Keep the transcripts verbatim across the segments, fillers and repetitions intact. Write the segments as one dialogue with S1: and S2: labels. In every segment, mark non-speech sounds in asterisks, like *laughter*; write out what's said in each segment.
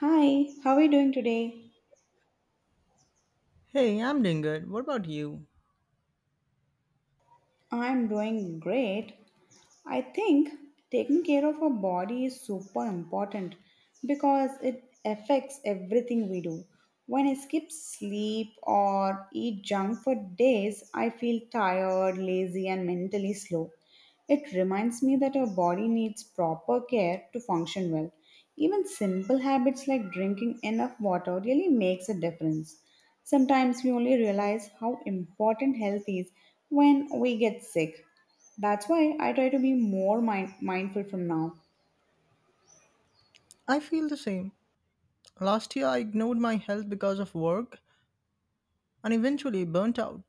S1: Hi, how are you doing today?
S2: Hey, I'm doing good. What about you?
S1: I'm doing great. I think taking care of our body is super important because it affects everything we do. When I skip sleep or eat junk for days, I feel tired, lazy, and mentally slow. It reminds me that our body needs proper care to function well. Even simple habits like drinking enough water really makes a difference. Sometimes we only realize how important health is when we get sick. That's why I try to be more mind- mindful from now.
S2: I feel the same. Last year, I ignored my health because of work and eventually burnt out.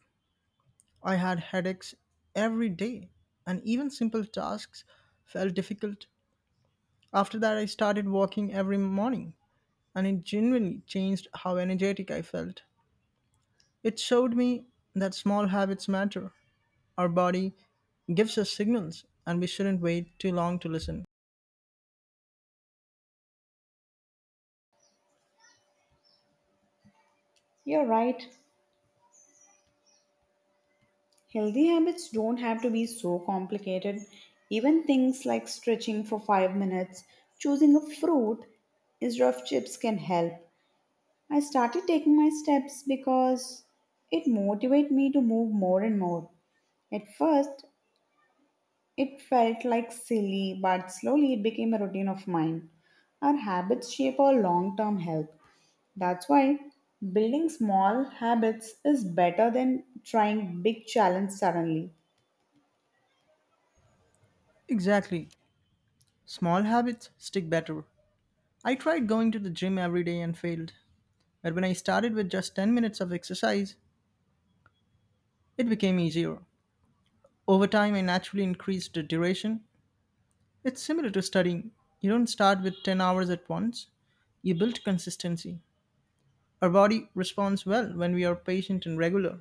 S2: I had headaches every day, and even simple tasks felt difficult. After that, I started walking every morning, and it genuinely changed how energetic I felt. It showed me that small habits matter. Our body gives us signals, and we shouldn't wait too long to listen.
S1: You're right. Healthy habits don't have to be so complicated. Even things like stretching for five minutes, choosing a fruit instead of chips can help. I started taking my steps because it motivated me to move more and more. At first, it felt like silly, but slowly it became a routine of mine. Our habits shape our long term health. That's why building small habits is better than trying big challenge suddenly.
S2: Exactly. Small habits stick better. I tried going to the gym every day and failed. But when I started with just ten minutes of exercise, it became easier. Over time, I naturally increased the duration. It's similar to studying. You don't start with ten hours at once, you build consistency. Our body responds well when we are patient and regular.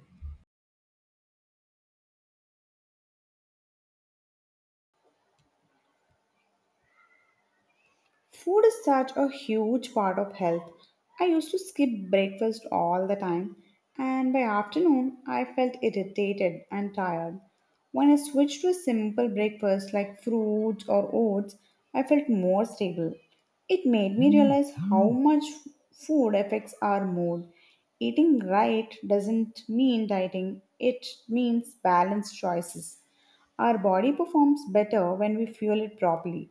S1: Food is such a huge part of health. I used to skip breakfast all the time, and by afternoon I felt irritated and tired. When I switched to a simple breakfast like fruits or oats, I felt more stable. It made me realize how much food affects our mood. Eating right doesn't mean dieting, it means balanced choices. Our body performs better when we fuel it properly.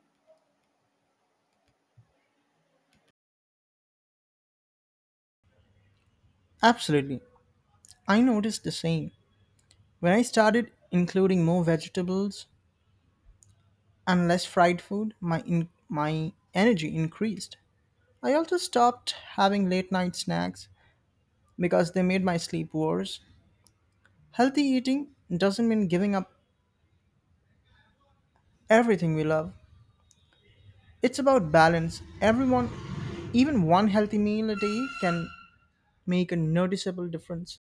S2: Absolutely. I noticed the same. When I started including more vegetables and less fried food, my in- my energy increased. I also stopped having late night snacks because they made my sleep worse. Healthy eating doesn't mean giving up everything we love. It's about balance. Everyone, even one healthy meal a day can make a noticeable difference.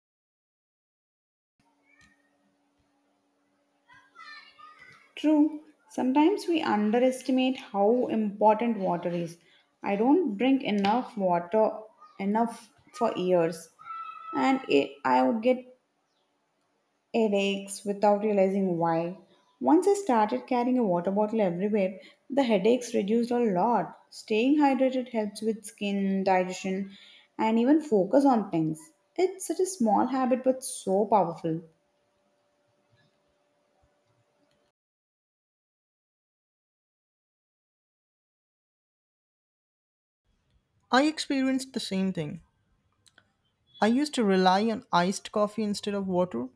S1: True, sometimes we underestimate how important water is. I don't drink enough water enough for years and it, I would get headaches without realizing why. Once I started carrying a water bottle everywhere, the headaches reduced a lot. Staying hydrated helps with skin, digestion, and even focus on things. It's such a small habit but so powerful.
S2: I experienced the same thing. I used to rely on iced coffee instead of water,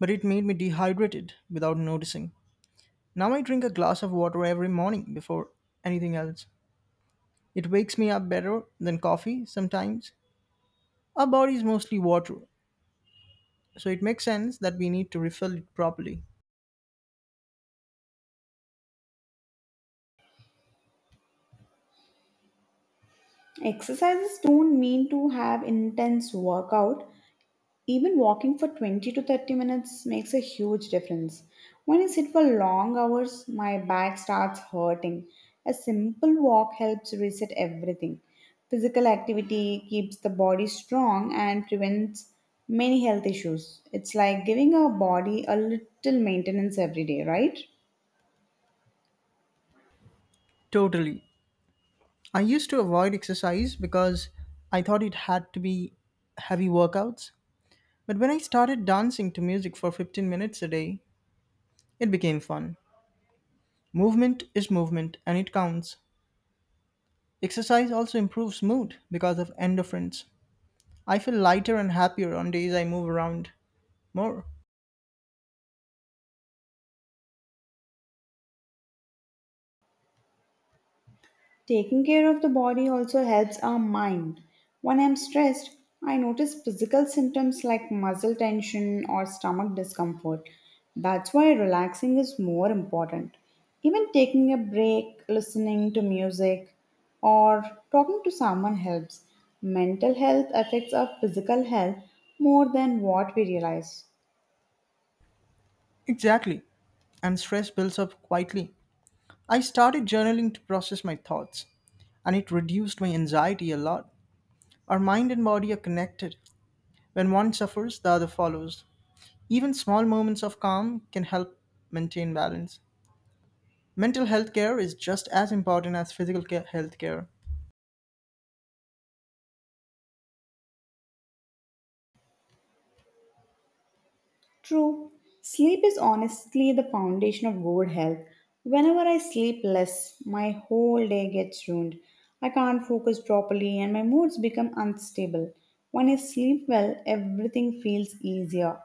S2: but it made me dehydrated without noticing. Now I drink a glass of water every morning before anything else. It wakes me up better than coffee sometimes. Our body is mostly water, so it makes sense that we need to refill it properly.
S1: Exercises don't mean to have intense workout. Even walking for twenty to thirty minutes makes a huge difference. When I sit for long hours, my back starts hurting. A simple walk helps reset everything. Physical activity keeps the body strong and prevents many health issues. It's like giving our body a little maintenance every day, right?
S2: Totally. I used to avoid exercise because I thought it had to be heavy workouts. But when I started dancing to music for fifteen minutes a day, it became fun. Movement is movement and it counts. Exercise also improves mood because of endorphins. I feel lighter and happier on days I move around more.
S1: Taking care of the body also helps our mind. When I'm stressed, I notice physical symptoms like muscle tension or stomach discomfort. That's why relaxing is more important. Even taking a break, listening to music, or talking to someone helps. Mental health affects our physical health more than what we realize.
S2: Exactly. And stress builds up quietly. I started journaling to process my thoughts and it reduced my anxiety a lot. Our mind and body are connected. When one suffers, the other follows. Even small moments of calm can help maintain balance. Mental health care is just as important as physical care, health care.
S1: True, sleep is honestly the foundation of good health. Whenever I sleep less, my whole day gets ruined. I can't focus properly and my moods become unstable. When I sleep well, everything feels easier.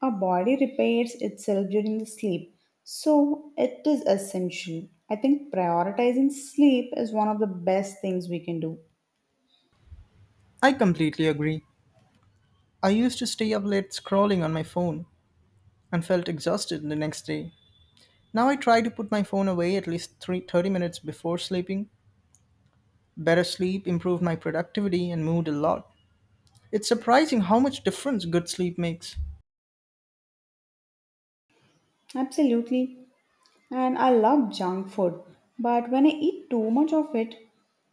S1: Our body repairs itself during the sleep, so it is essential. I think prioritizing sleep is one of the best things we can do.
S2: I completely agree. I used to stay up late scrolling on my phone and felt exhausted the next day. Now I try to put my phone away at least three, thirty minutes before sleeping. Better sleep improved my productivity and mood a lot. It's surprising how much difference good sleep makes.
S1: Absolutely. And I love junk food, but when I eat too much of it,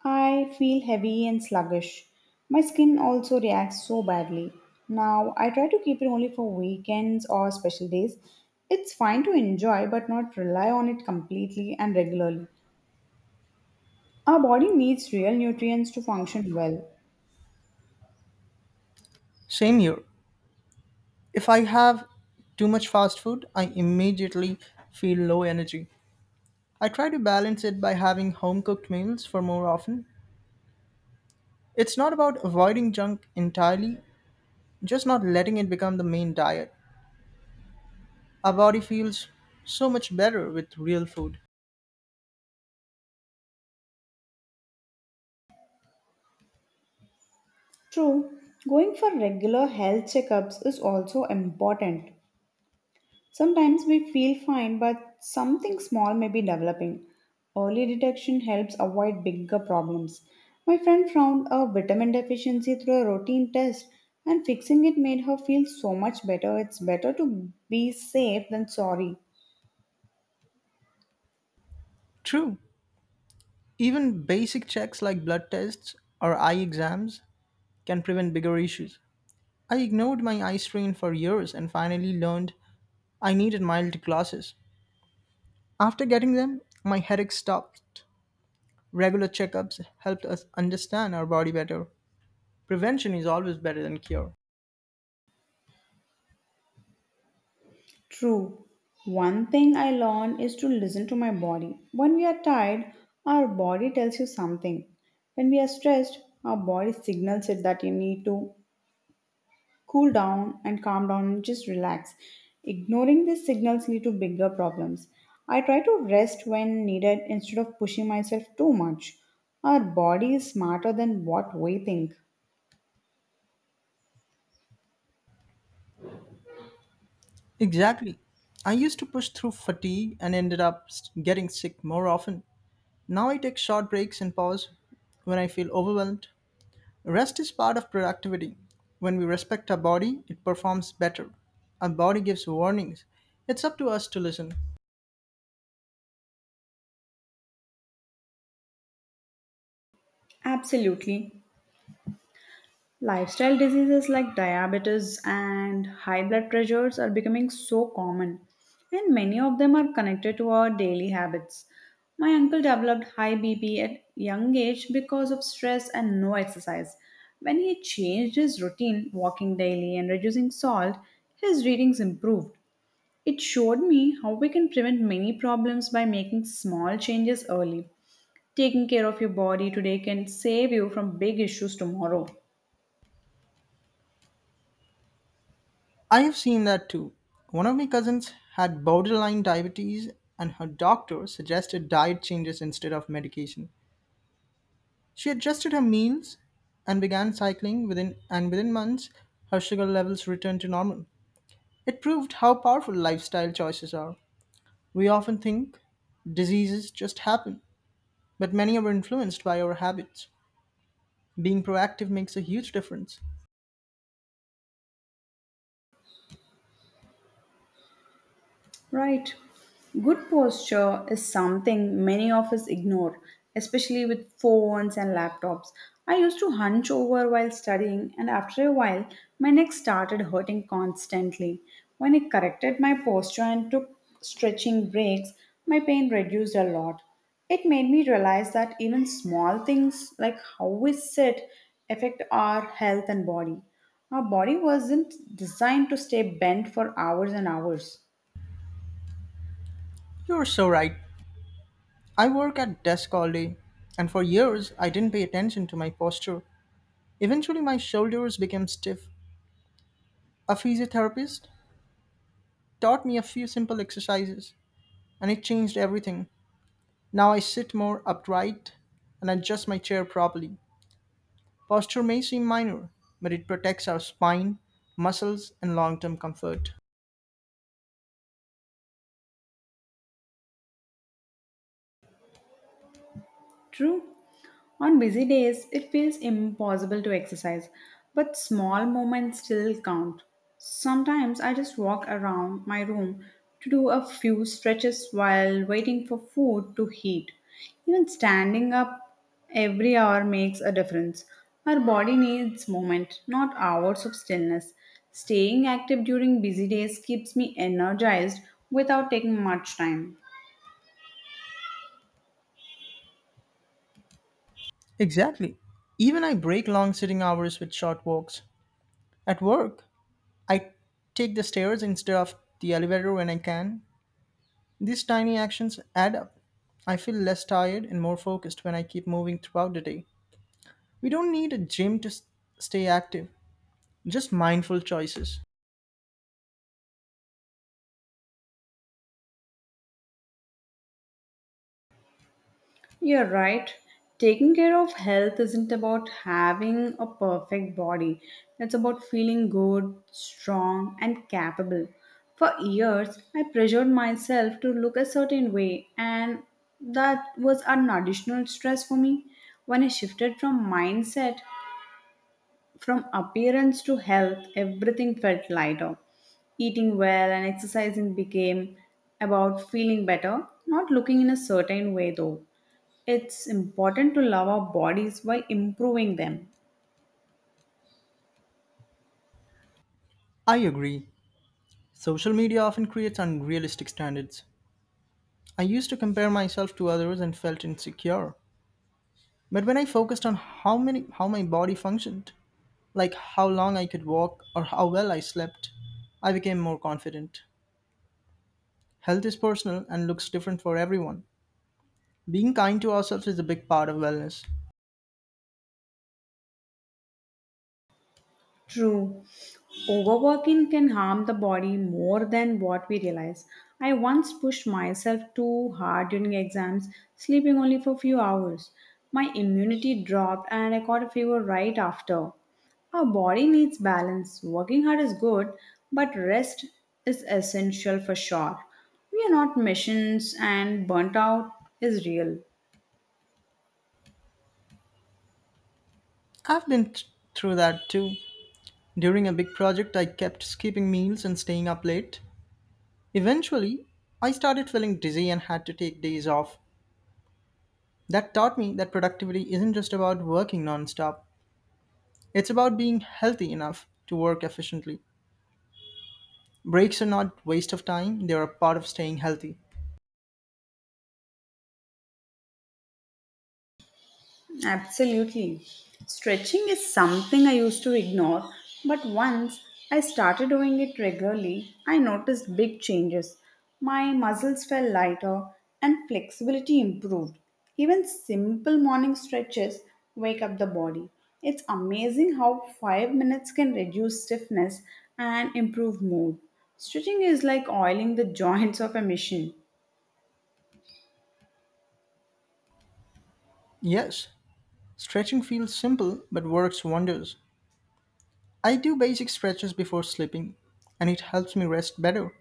S1: I feel heavy and sluggish. My skin also reacts so badly. Now, I try to keep it only for weekends or special days. It's fine to enjoy, but not rely on it completely and regularly. Our body needs real nutrients to function well.
S2: Same here. If I have too much fast food, I immediately feel low energy. I try to balance it by having home cooked meals for more often. It's not about avoiding junk entirely, just not letting it become the main diet. Our body feels so much better with real food.
S1: True, going for regular health checkups is also important. Sometimes we feel fine, but something small may be developing. Early detection helps avoid bigger problems. My friend found a vitamin deficiency through a routine test, and fixing it made her feel so much better. It's better to be safe than sorry.
S2: True, even basic checks like blood tests or eye exams can prevent bigger issues. I ignored my eye strain for years and finally learned I needed mild glasses. After getting them, my headache stopped. Regular checkups helped us understand our body better. Prevention is always better than cure.
S1: True. One thing I learned is to listen to my body. When we are tired, our body tells you something. When we are stressed, our body signals it that you need to cool down and calm down and just relax. Ignoring these signals lead to bigger problems. I try to rest when needed instead of pushing myself too much. Our body is smarter than what we think.
S2: Exactly. I used to push through fatigue and ended up s- getting sick more often. Now I take short breaks and pause when I feel overwhelmed. Rest is part of productivity. When we respect our body, it performs better. Our body gives warnings. It's up to us to listen.
S1: Absolutely. Lifestyle diseases like diabetes and high blood pressures are becoming so common, and many of them are connected to our daily habits. My uncle developed high B P at young age because of stress and no exercise. When he changed his routine, walking daily and reducing salt, his readings improved. It showed me how we can prevent many problems by making small changes early. Taking care of your body today can save you from big issues tomorrow.
S2: I have seen that too. One of my cousins had borderline diabetes, and her doctor suggested diet changes instead of medication. She adjusted her means and began cycling within and within months her sugar levels returned to normal. It proved how powerful lifestyle choices are. We often think diseases just happen, but many are influenced by our habits. Being proactive makes a huge difference.
S1: Right. Good posture is something many of us ignore, especially with phones and laptops. I used to hunch over while studying, and after a while, my neck started hurting constantly. When I corrected my posture and took stretching breaks, my pain reduced a lot. It made me realize that even small things like how we sit affect our health and body. Our body wasn't designed to stay bent for hours and hours.
S2: You're so right. I work at desk all day, and for years I didn't pay attention to my posture. Eventually my shoulders became stiff. A physiotherapist taught me a few simple exercises, and it changed everything. Now I sit more upright and adjust my chair properly. Posture may seem minor, but it protects our spine, muscles, and long term comfort.
S1: True. On busy days, it feels impossible to exercise, but small moments still count. Sometimes I just walk around my room to do a few stretches while waiting for food to heat. Even standing up every hour makes a difference. Our body needs movement, not hours of stillness. Staying active during busy days keeps me energized without taking much time.
S2: Exactly. Even I break long sitting hours with short walks. At work, I take the stairs instead of the elevator when I can. These tiny actions add up. I feel less tired and more focused when I keep moving throughout the day. We don't need a gym to s- stay active, just mindful choices.
S1: You're right. Taking care of health isn't about having a perfect body. It's about feeling good, strong, and capable. For years, I pressured myself to look a certain way, and that was an additional stress for me. When I shifted from mindset from appearance to health, everything felt lighter. Eating well and exercising became about feeling better, not looking in a certain way though. It's important to love our bodies while improving them.
S2: I agree. Social media often creates unrealistic standards. I used to compare myself to others and felt insecure. But when I focused on how many how my body functioned, like how long I could walk or how well I slept, I became more confident. Health is personal and looks different for everyone. Being kind to ourselves is a big part of wellness.
S1: True. Overworking can harm the body more than what we realize. I once pushed myself too hard during exams, sleeping only for a few hours. My immunity dropped and I caught a fever right after. Our body needs balance. Working hard is good, but rest is essential for sure. We are not machines and burnt out is real.
S2: I've been th- through that too. During a big project, I kept skipping meals and staying up late. Eventually, I started feeling dizzy and had to take days off. That taught me that productivity isn't just about working nonstop, it's about being healthy enough to work efficiently. Breaks are not waste of time, they are a part of staying healthy.
S1: Absolutely. Stretching is something I used to ignore, but once I started doing it regularly, I noticed big changes. My muscles felt lighter and flexibility improved. Even simple morning stretches wake up the body. It's amazing how five minutes can reduce stiffness and improve mood. Stretching is like oiling the *laughs* joints of a machine.
S2: Yes, stretching feels simple but works wonders. I do basic stretches before sleeping and it helps me rest better.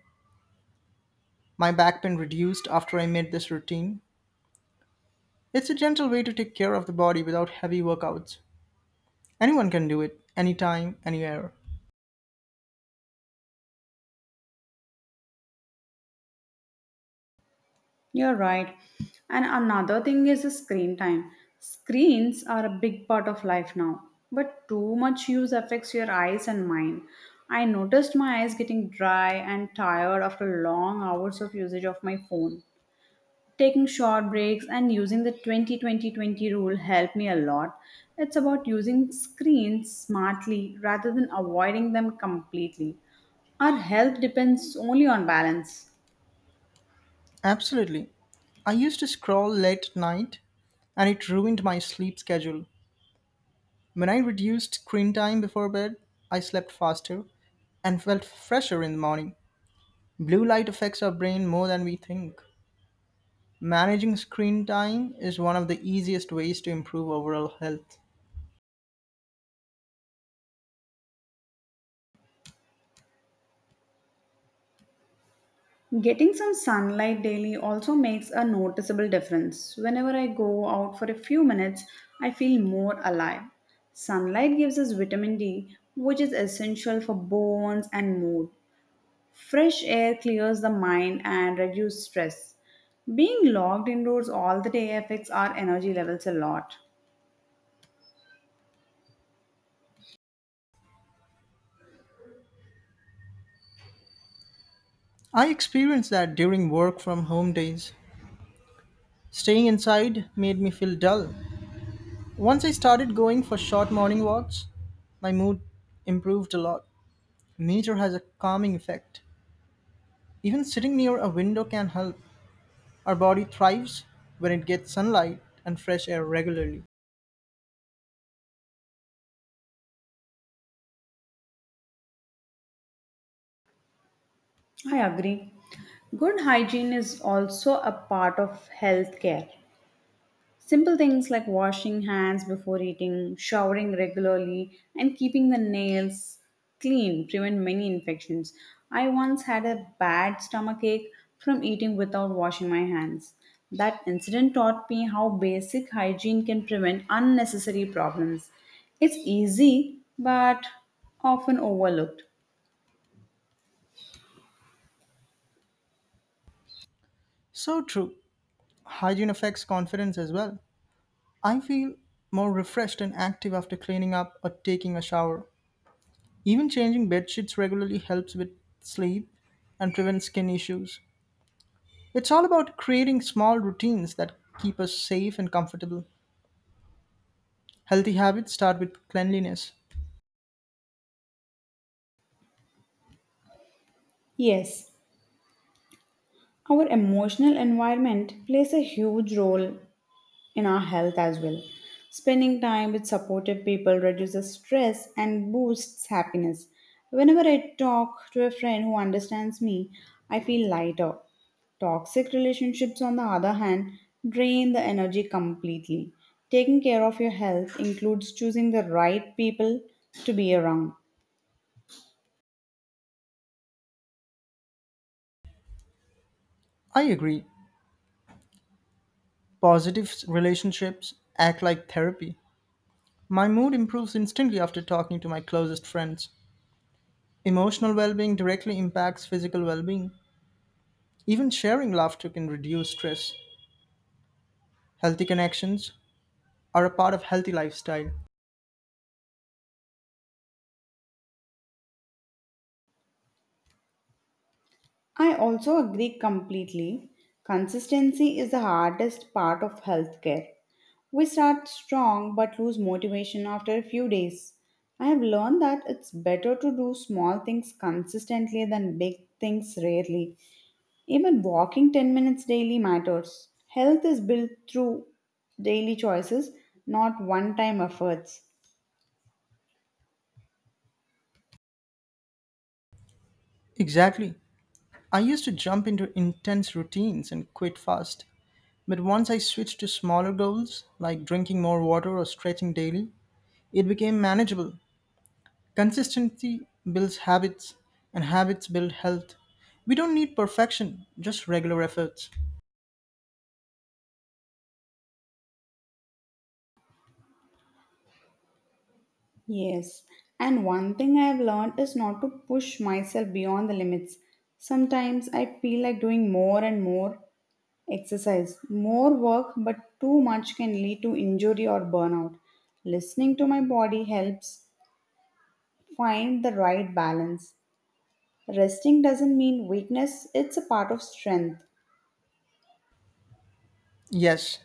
S2: My back pain reduced after I made this routine. It's a gentle way to take care of the body without heavy workouts. Anyone can do it, anytime, anywhere.
S1: You're right. And another thing is the screen time. Screens are a big part of life now, but too much use affects your eyes and mind. I noticed my eyes getting dry and tired after long hours of usage of my phone. Taking short breaks and using the twenty twenty twenty rule helped me a lot. It's about using screens smartly rather than avoiding them completely. Our health depends only on balance.
S2: Absolutely. I used to scroll late at night and it ruined my sleep schedule. When I reduced screen time before bed, I slept faster and felt fresher in the morning. Blue light affects our brain more than we think. Managing screen time is one of the easiest ways to improve overall health.
S1: Getting some sunlight daily also makes a noticeable difference. Whenever I go out for a few minutes, I feel more alive. Sunlight gives us vitamin D, which is essential for bones and mood. Fresh air clears the mind and reduces stress. Being locked indoors all the day affects our energy levels a lot.
S2: I experienced that during work from home days. Staying inside made me feel dull. Once I started going for short morning walks, my mood improved a lot. Nature has a calming effect. Even sitting near a window can help. Our body thrives when it gets sunlight and fresh air regularly.
S1: I agree. Good hygiene is also a part of health care. Simple things like washing hands before eating, showering regularly, and keeping the nails clean prevent many infections. I once had a bad stomach ache from eating without washing my hands. That incident taught me how basic hygiene can prevent unnecessary problems. It's easy, but often overlooked.
S2: So true. Hygiene affects confidence as well. I feel more refreshed and active after cleaning up or taking a shower. Even changing bed sheets regularly helps with sleep and prevents skin issues. It's all about creating small routines that keep us safe and comfortable. Healthy habits start with cleanliness.
S1: Yes, our emotional environment plays a huge role in our health as well. Spending time with supportive people reduces stress and boosts happiness. Whenever I talk to a friend who understands me, I feel lighter. Toxic relationships, on the other hand, drain the energy completely. Taking care of your health includes choosing the right people to be around.
S2: I agree. Positive relationships act like therapy. My mood improves instantly after talking to my closest friends. Emotional well being directly impacts physical well being. Even sharing laughter can reduce stress. Healthy connections are a part of healthy lifestyle.
S1: I also agree completely. Consistency is the hardest part of healthcare. We start strong but lose motivation after a few days. I have learned that it's better to do small things consistently than big things rarely. Even walking ten minutes daily matters. Health is built through daily choices, not one time efforts.
S2: Exactly. I used to jump into intense routines and quit fast. But once I switched to smaller goals, like drinking more water or stretching daily, it became manageable. Consistency builds habits, and habits build health. We don't need perfection, just regular efforts.
S1: Yes, and one thing I have learned is not to push myself beyond the limits. Sometimes I feel like doing more and more, Exercise. More work, but too much can lead to injury or burnout. Listening to my body helps find the right balance. Resting doesn't mean weakness, it's a part of strength.
S2: Yes,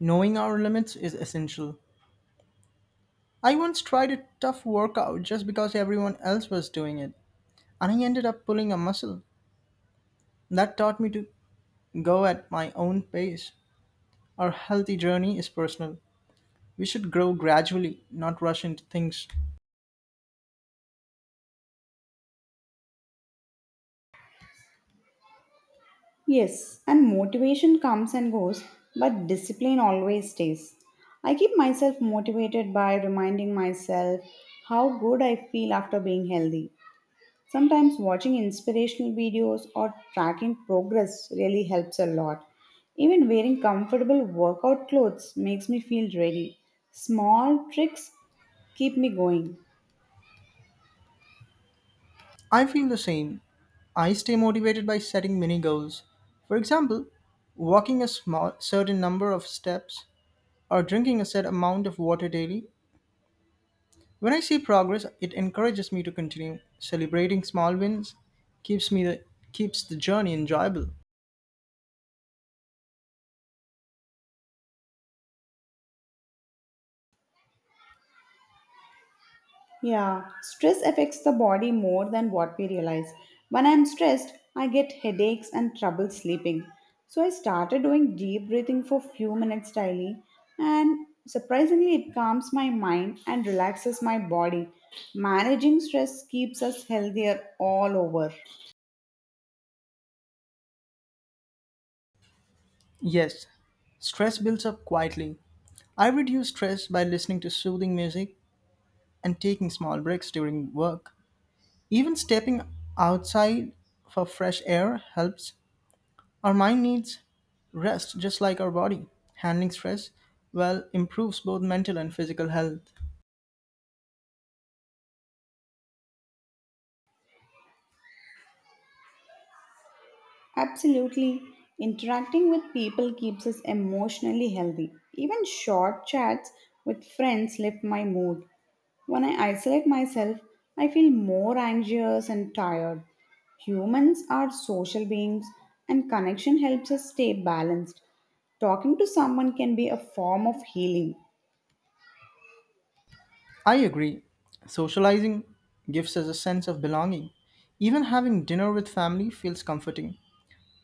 S2: knowing our limits is essential. I once tried a tough workout just because everyone else was doing it, and I ended up pulling a muscle. That taught me to go at my own pace. Our healthy journey is personal. We should grow gradually, not rush into things.
S1: Yes, and motivation comes and goes, but discipline always stays. I keep myself motivated by reminding myself how good I feel after being healthy. Sometimes watching inspirational videos or tracking progress really helps a lot. Even wearing comfortable workout clothes makes me feel ready. Small tricks keep me going.
S2: I feel the same. I stay motivated by setting mini goals. For example, walking a small certain number of steps or drinking a set amount of water daily. When I see progress, it encourages me to continue. Celebrating small wins keeps me the, keeps the journey enjoyable.
S1: Yeah, stress affects the body more than what we realize. When I'm stressed, I get headaches and trouble sleeping. So I started doing deep breathing for few minutes daily and surprisingly it calms my mind and relaxes my body. Managing stress keeps us healthier all over.
S2: Yes, stress builds up quietly. I reduce stress by listening to soothing music and taking small breaks during work. Even stepping outside for fresh air helps. Our mind needs rest just like our body. Handling stress well improves both mental and physical health.
S1: Absolutely. Interacting with people keeps us emotionally healthy. Even short chats with friends lift my mood. When I isolate myself, I feel more anxious and tired. Humans are social beings, and connection helps us stay balanced. Talking to someone can be a form of healing.
S2: I agree. Socializing gives us a sense of belonging. Even having dinner with family feels comforting.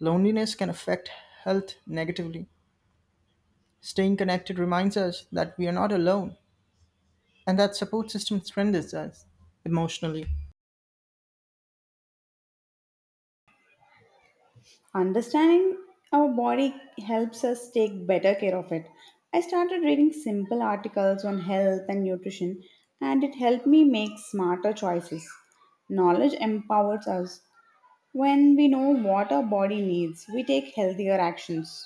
S2: Loneliness can affect health negatively. Staying connected reminds us that we are not alone and that support system strengthens us emotionally.
S1: Understanding our body helps us take better care of it. I started reading simple articles on health and nutrition, and it helped me make smarter choices. Knowledge empowers us. When we know what our body needs, we take healthier actions.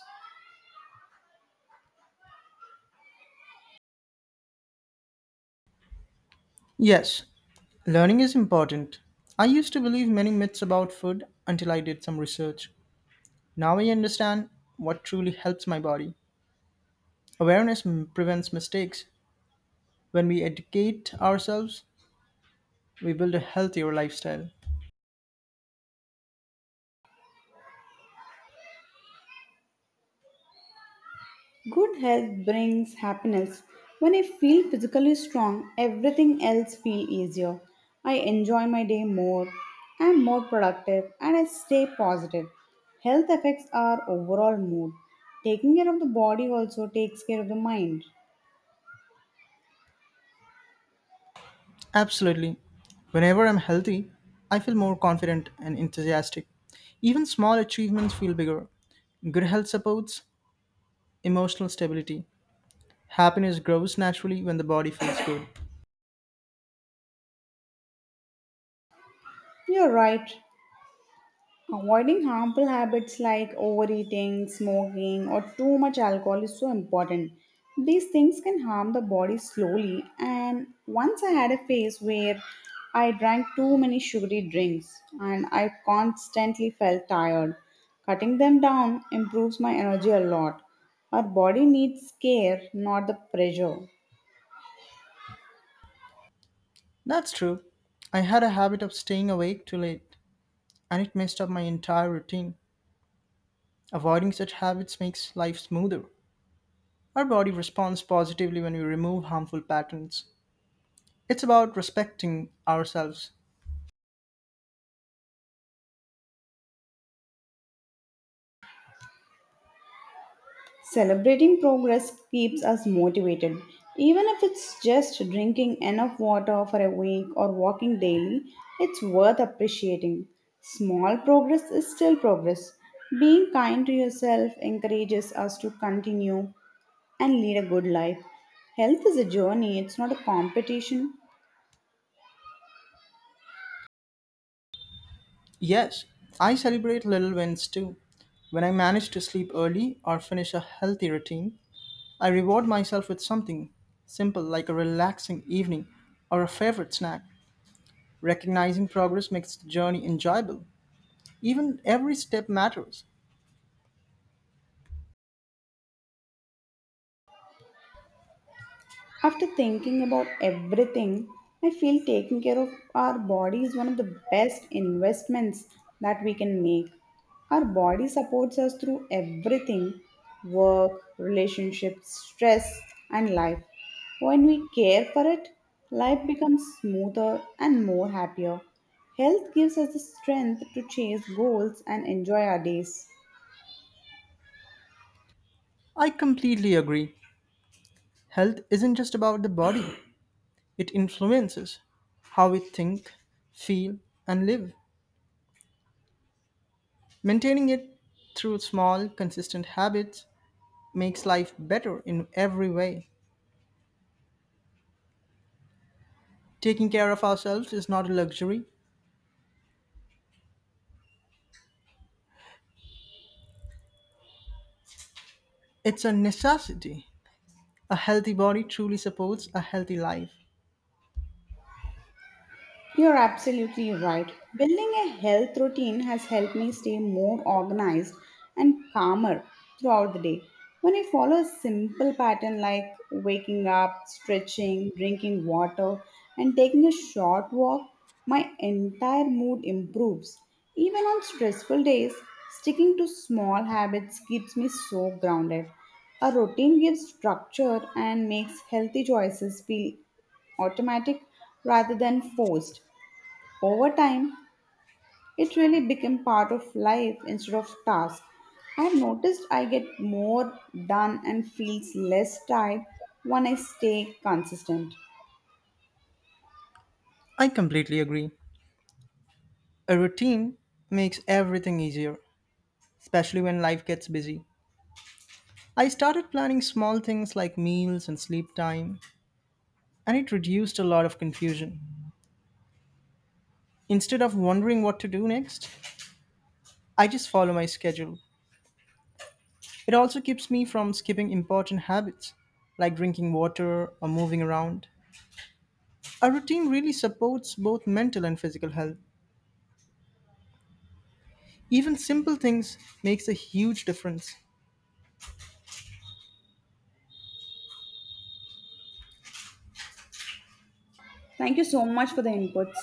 S2: Yes, learning is important. I used to believe many myths about food until I did some research. Now I understand what truly helps my body. Awareness m- prevents mistakes. When we educate ourselves, we build a healthier lifestyle.
S1: Good health brings happiness. When I feel physically strong, everything else feels easier. I enjoy my day more, I'm more productive, and I stay positive. Health affects our overall mood. Taking care of the body also takes care of the mind.
S2: Absolutely. Whenever I'm healthy, I feel more confident and enthusiastic. Even small achievements feel bigger. Good health supports emotional stability. Happiness grows naturally when the body feels good.
S1: You're right. Avoiding harmful habits like overeating, smoking, or too much alcohol is so important. These things can harm the body slowly. And once I had a phase where I drank too many sugary drinks and I constantly felt tired. Cutting them down improves my energy a lot. Our body needs care, not the pressure.
S2: That's true. I had a habit of staying awake too late, and it messed up my entire routine. Avoiding such habits makes life smoother. Our body responds positively when we remove harmful patterns. It's about respecting ourselves.
S1: Celebrating progress keeps us motivated. Even if it's just drinking enough water for a week or walking daily, it's worth appreciating. Small progress is still progress. Being kind to yourself encourages us to continue and lead a good life. Health is a journey, it's not a competition.
S2: Yes, I celebrate little wins too. When I manage to sleep early or finish a healthy routine, I reward myself with something simple like a relaxing evening or a favorite snack. Recognizing progress makes the journey enjoyable. Even every step matters.
S1: After thinking about everything, I feel taking care of our body is one of the best investments that we can make. Our body supports us through everything work, relationships, stress, and life. When we care for it, life becomes smoother and more happier. Health gives us the strength to chase goals and enjoy our days.
S2: I completely agree. Health isn't just about the body, it influences how we think, feel, and live. Maintaining it through small, consistent habits makes life better in every way. Taking care of ourselves is not a luxury, it's a necessity. A healthy body truly supports a healthy life.
S1: You're absolutely right. Building a health routine has helped me stay more organized and calmer throughout the day. When I follow a simple pattern like waking up, stretching, drinking water, and taking a short walk, my entire mood improves. Even on stressful days, sticking to small habits keeps me so grounded. A routine gives structure and makes healthy choices feel automatic rather than forced. Over time, it really became part of life instead of task. I've noticed I get more done and feels less tired when I stay consistent.
S2: I completely agree. A routine makes everything easier, especially when life gets busy. I started planning small things like meals and sleep time, and it reduced a lot of confusion. Instead of wondering what to do next, I just follow my schedule. It also keeps me from skipping important habits like drinking water or moving around. A routine really supports both mental and physical health. Even simple things makes a huge difference.
S1: Thank you so much for the inputs.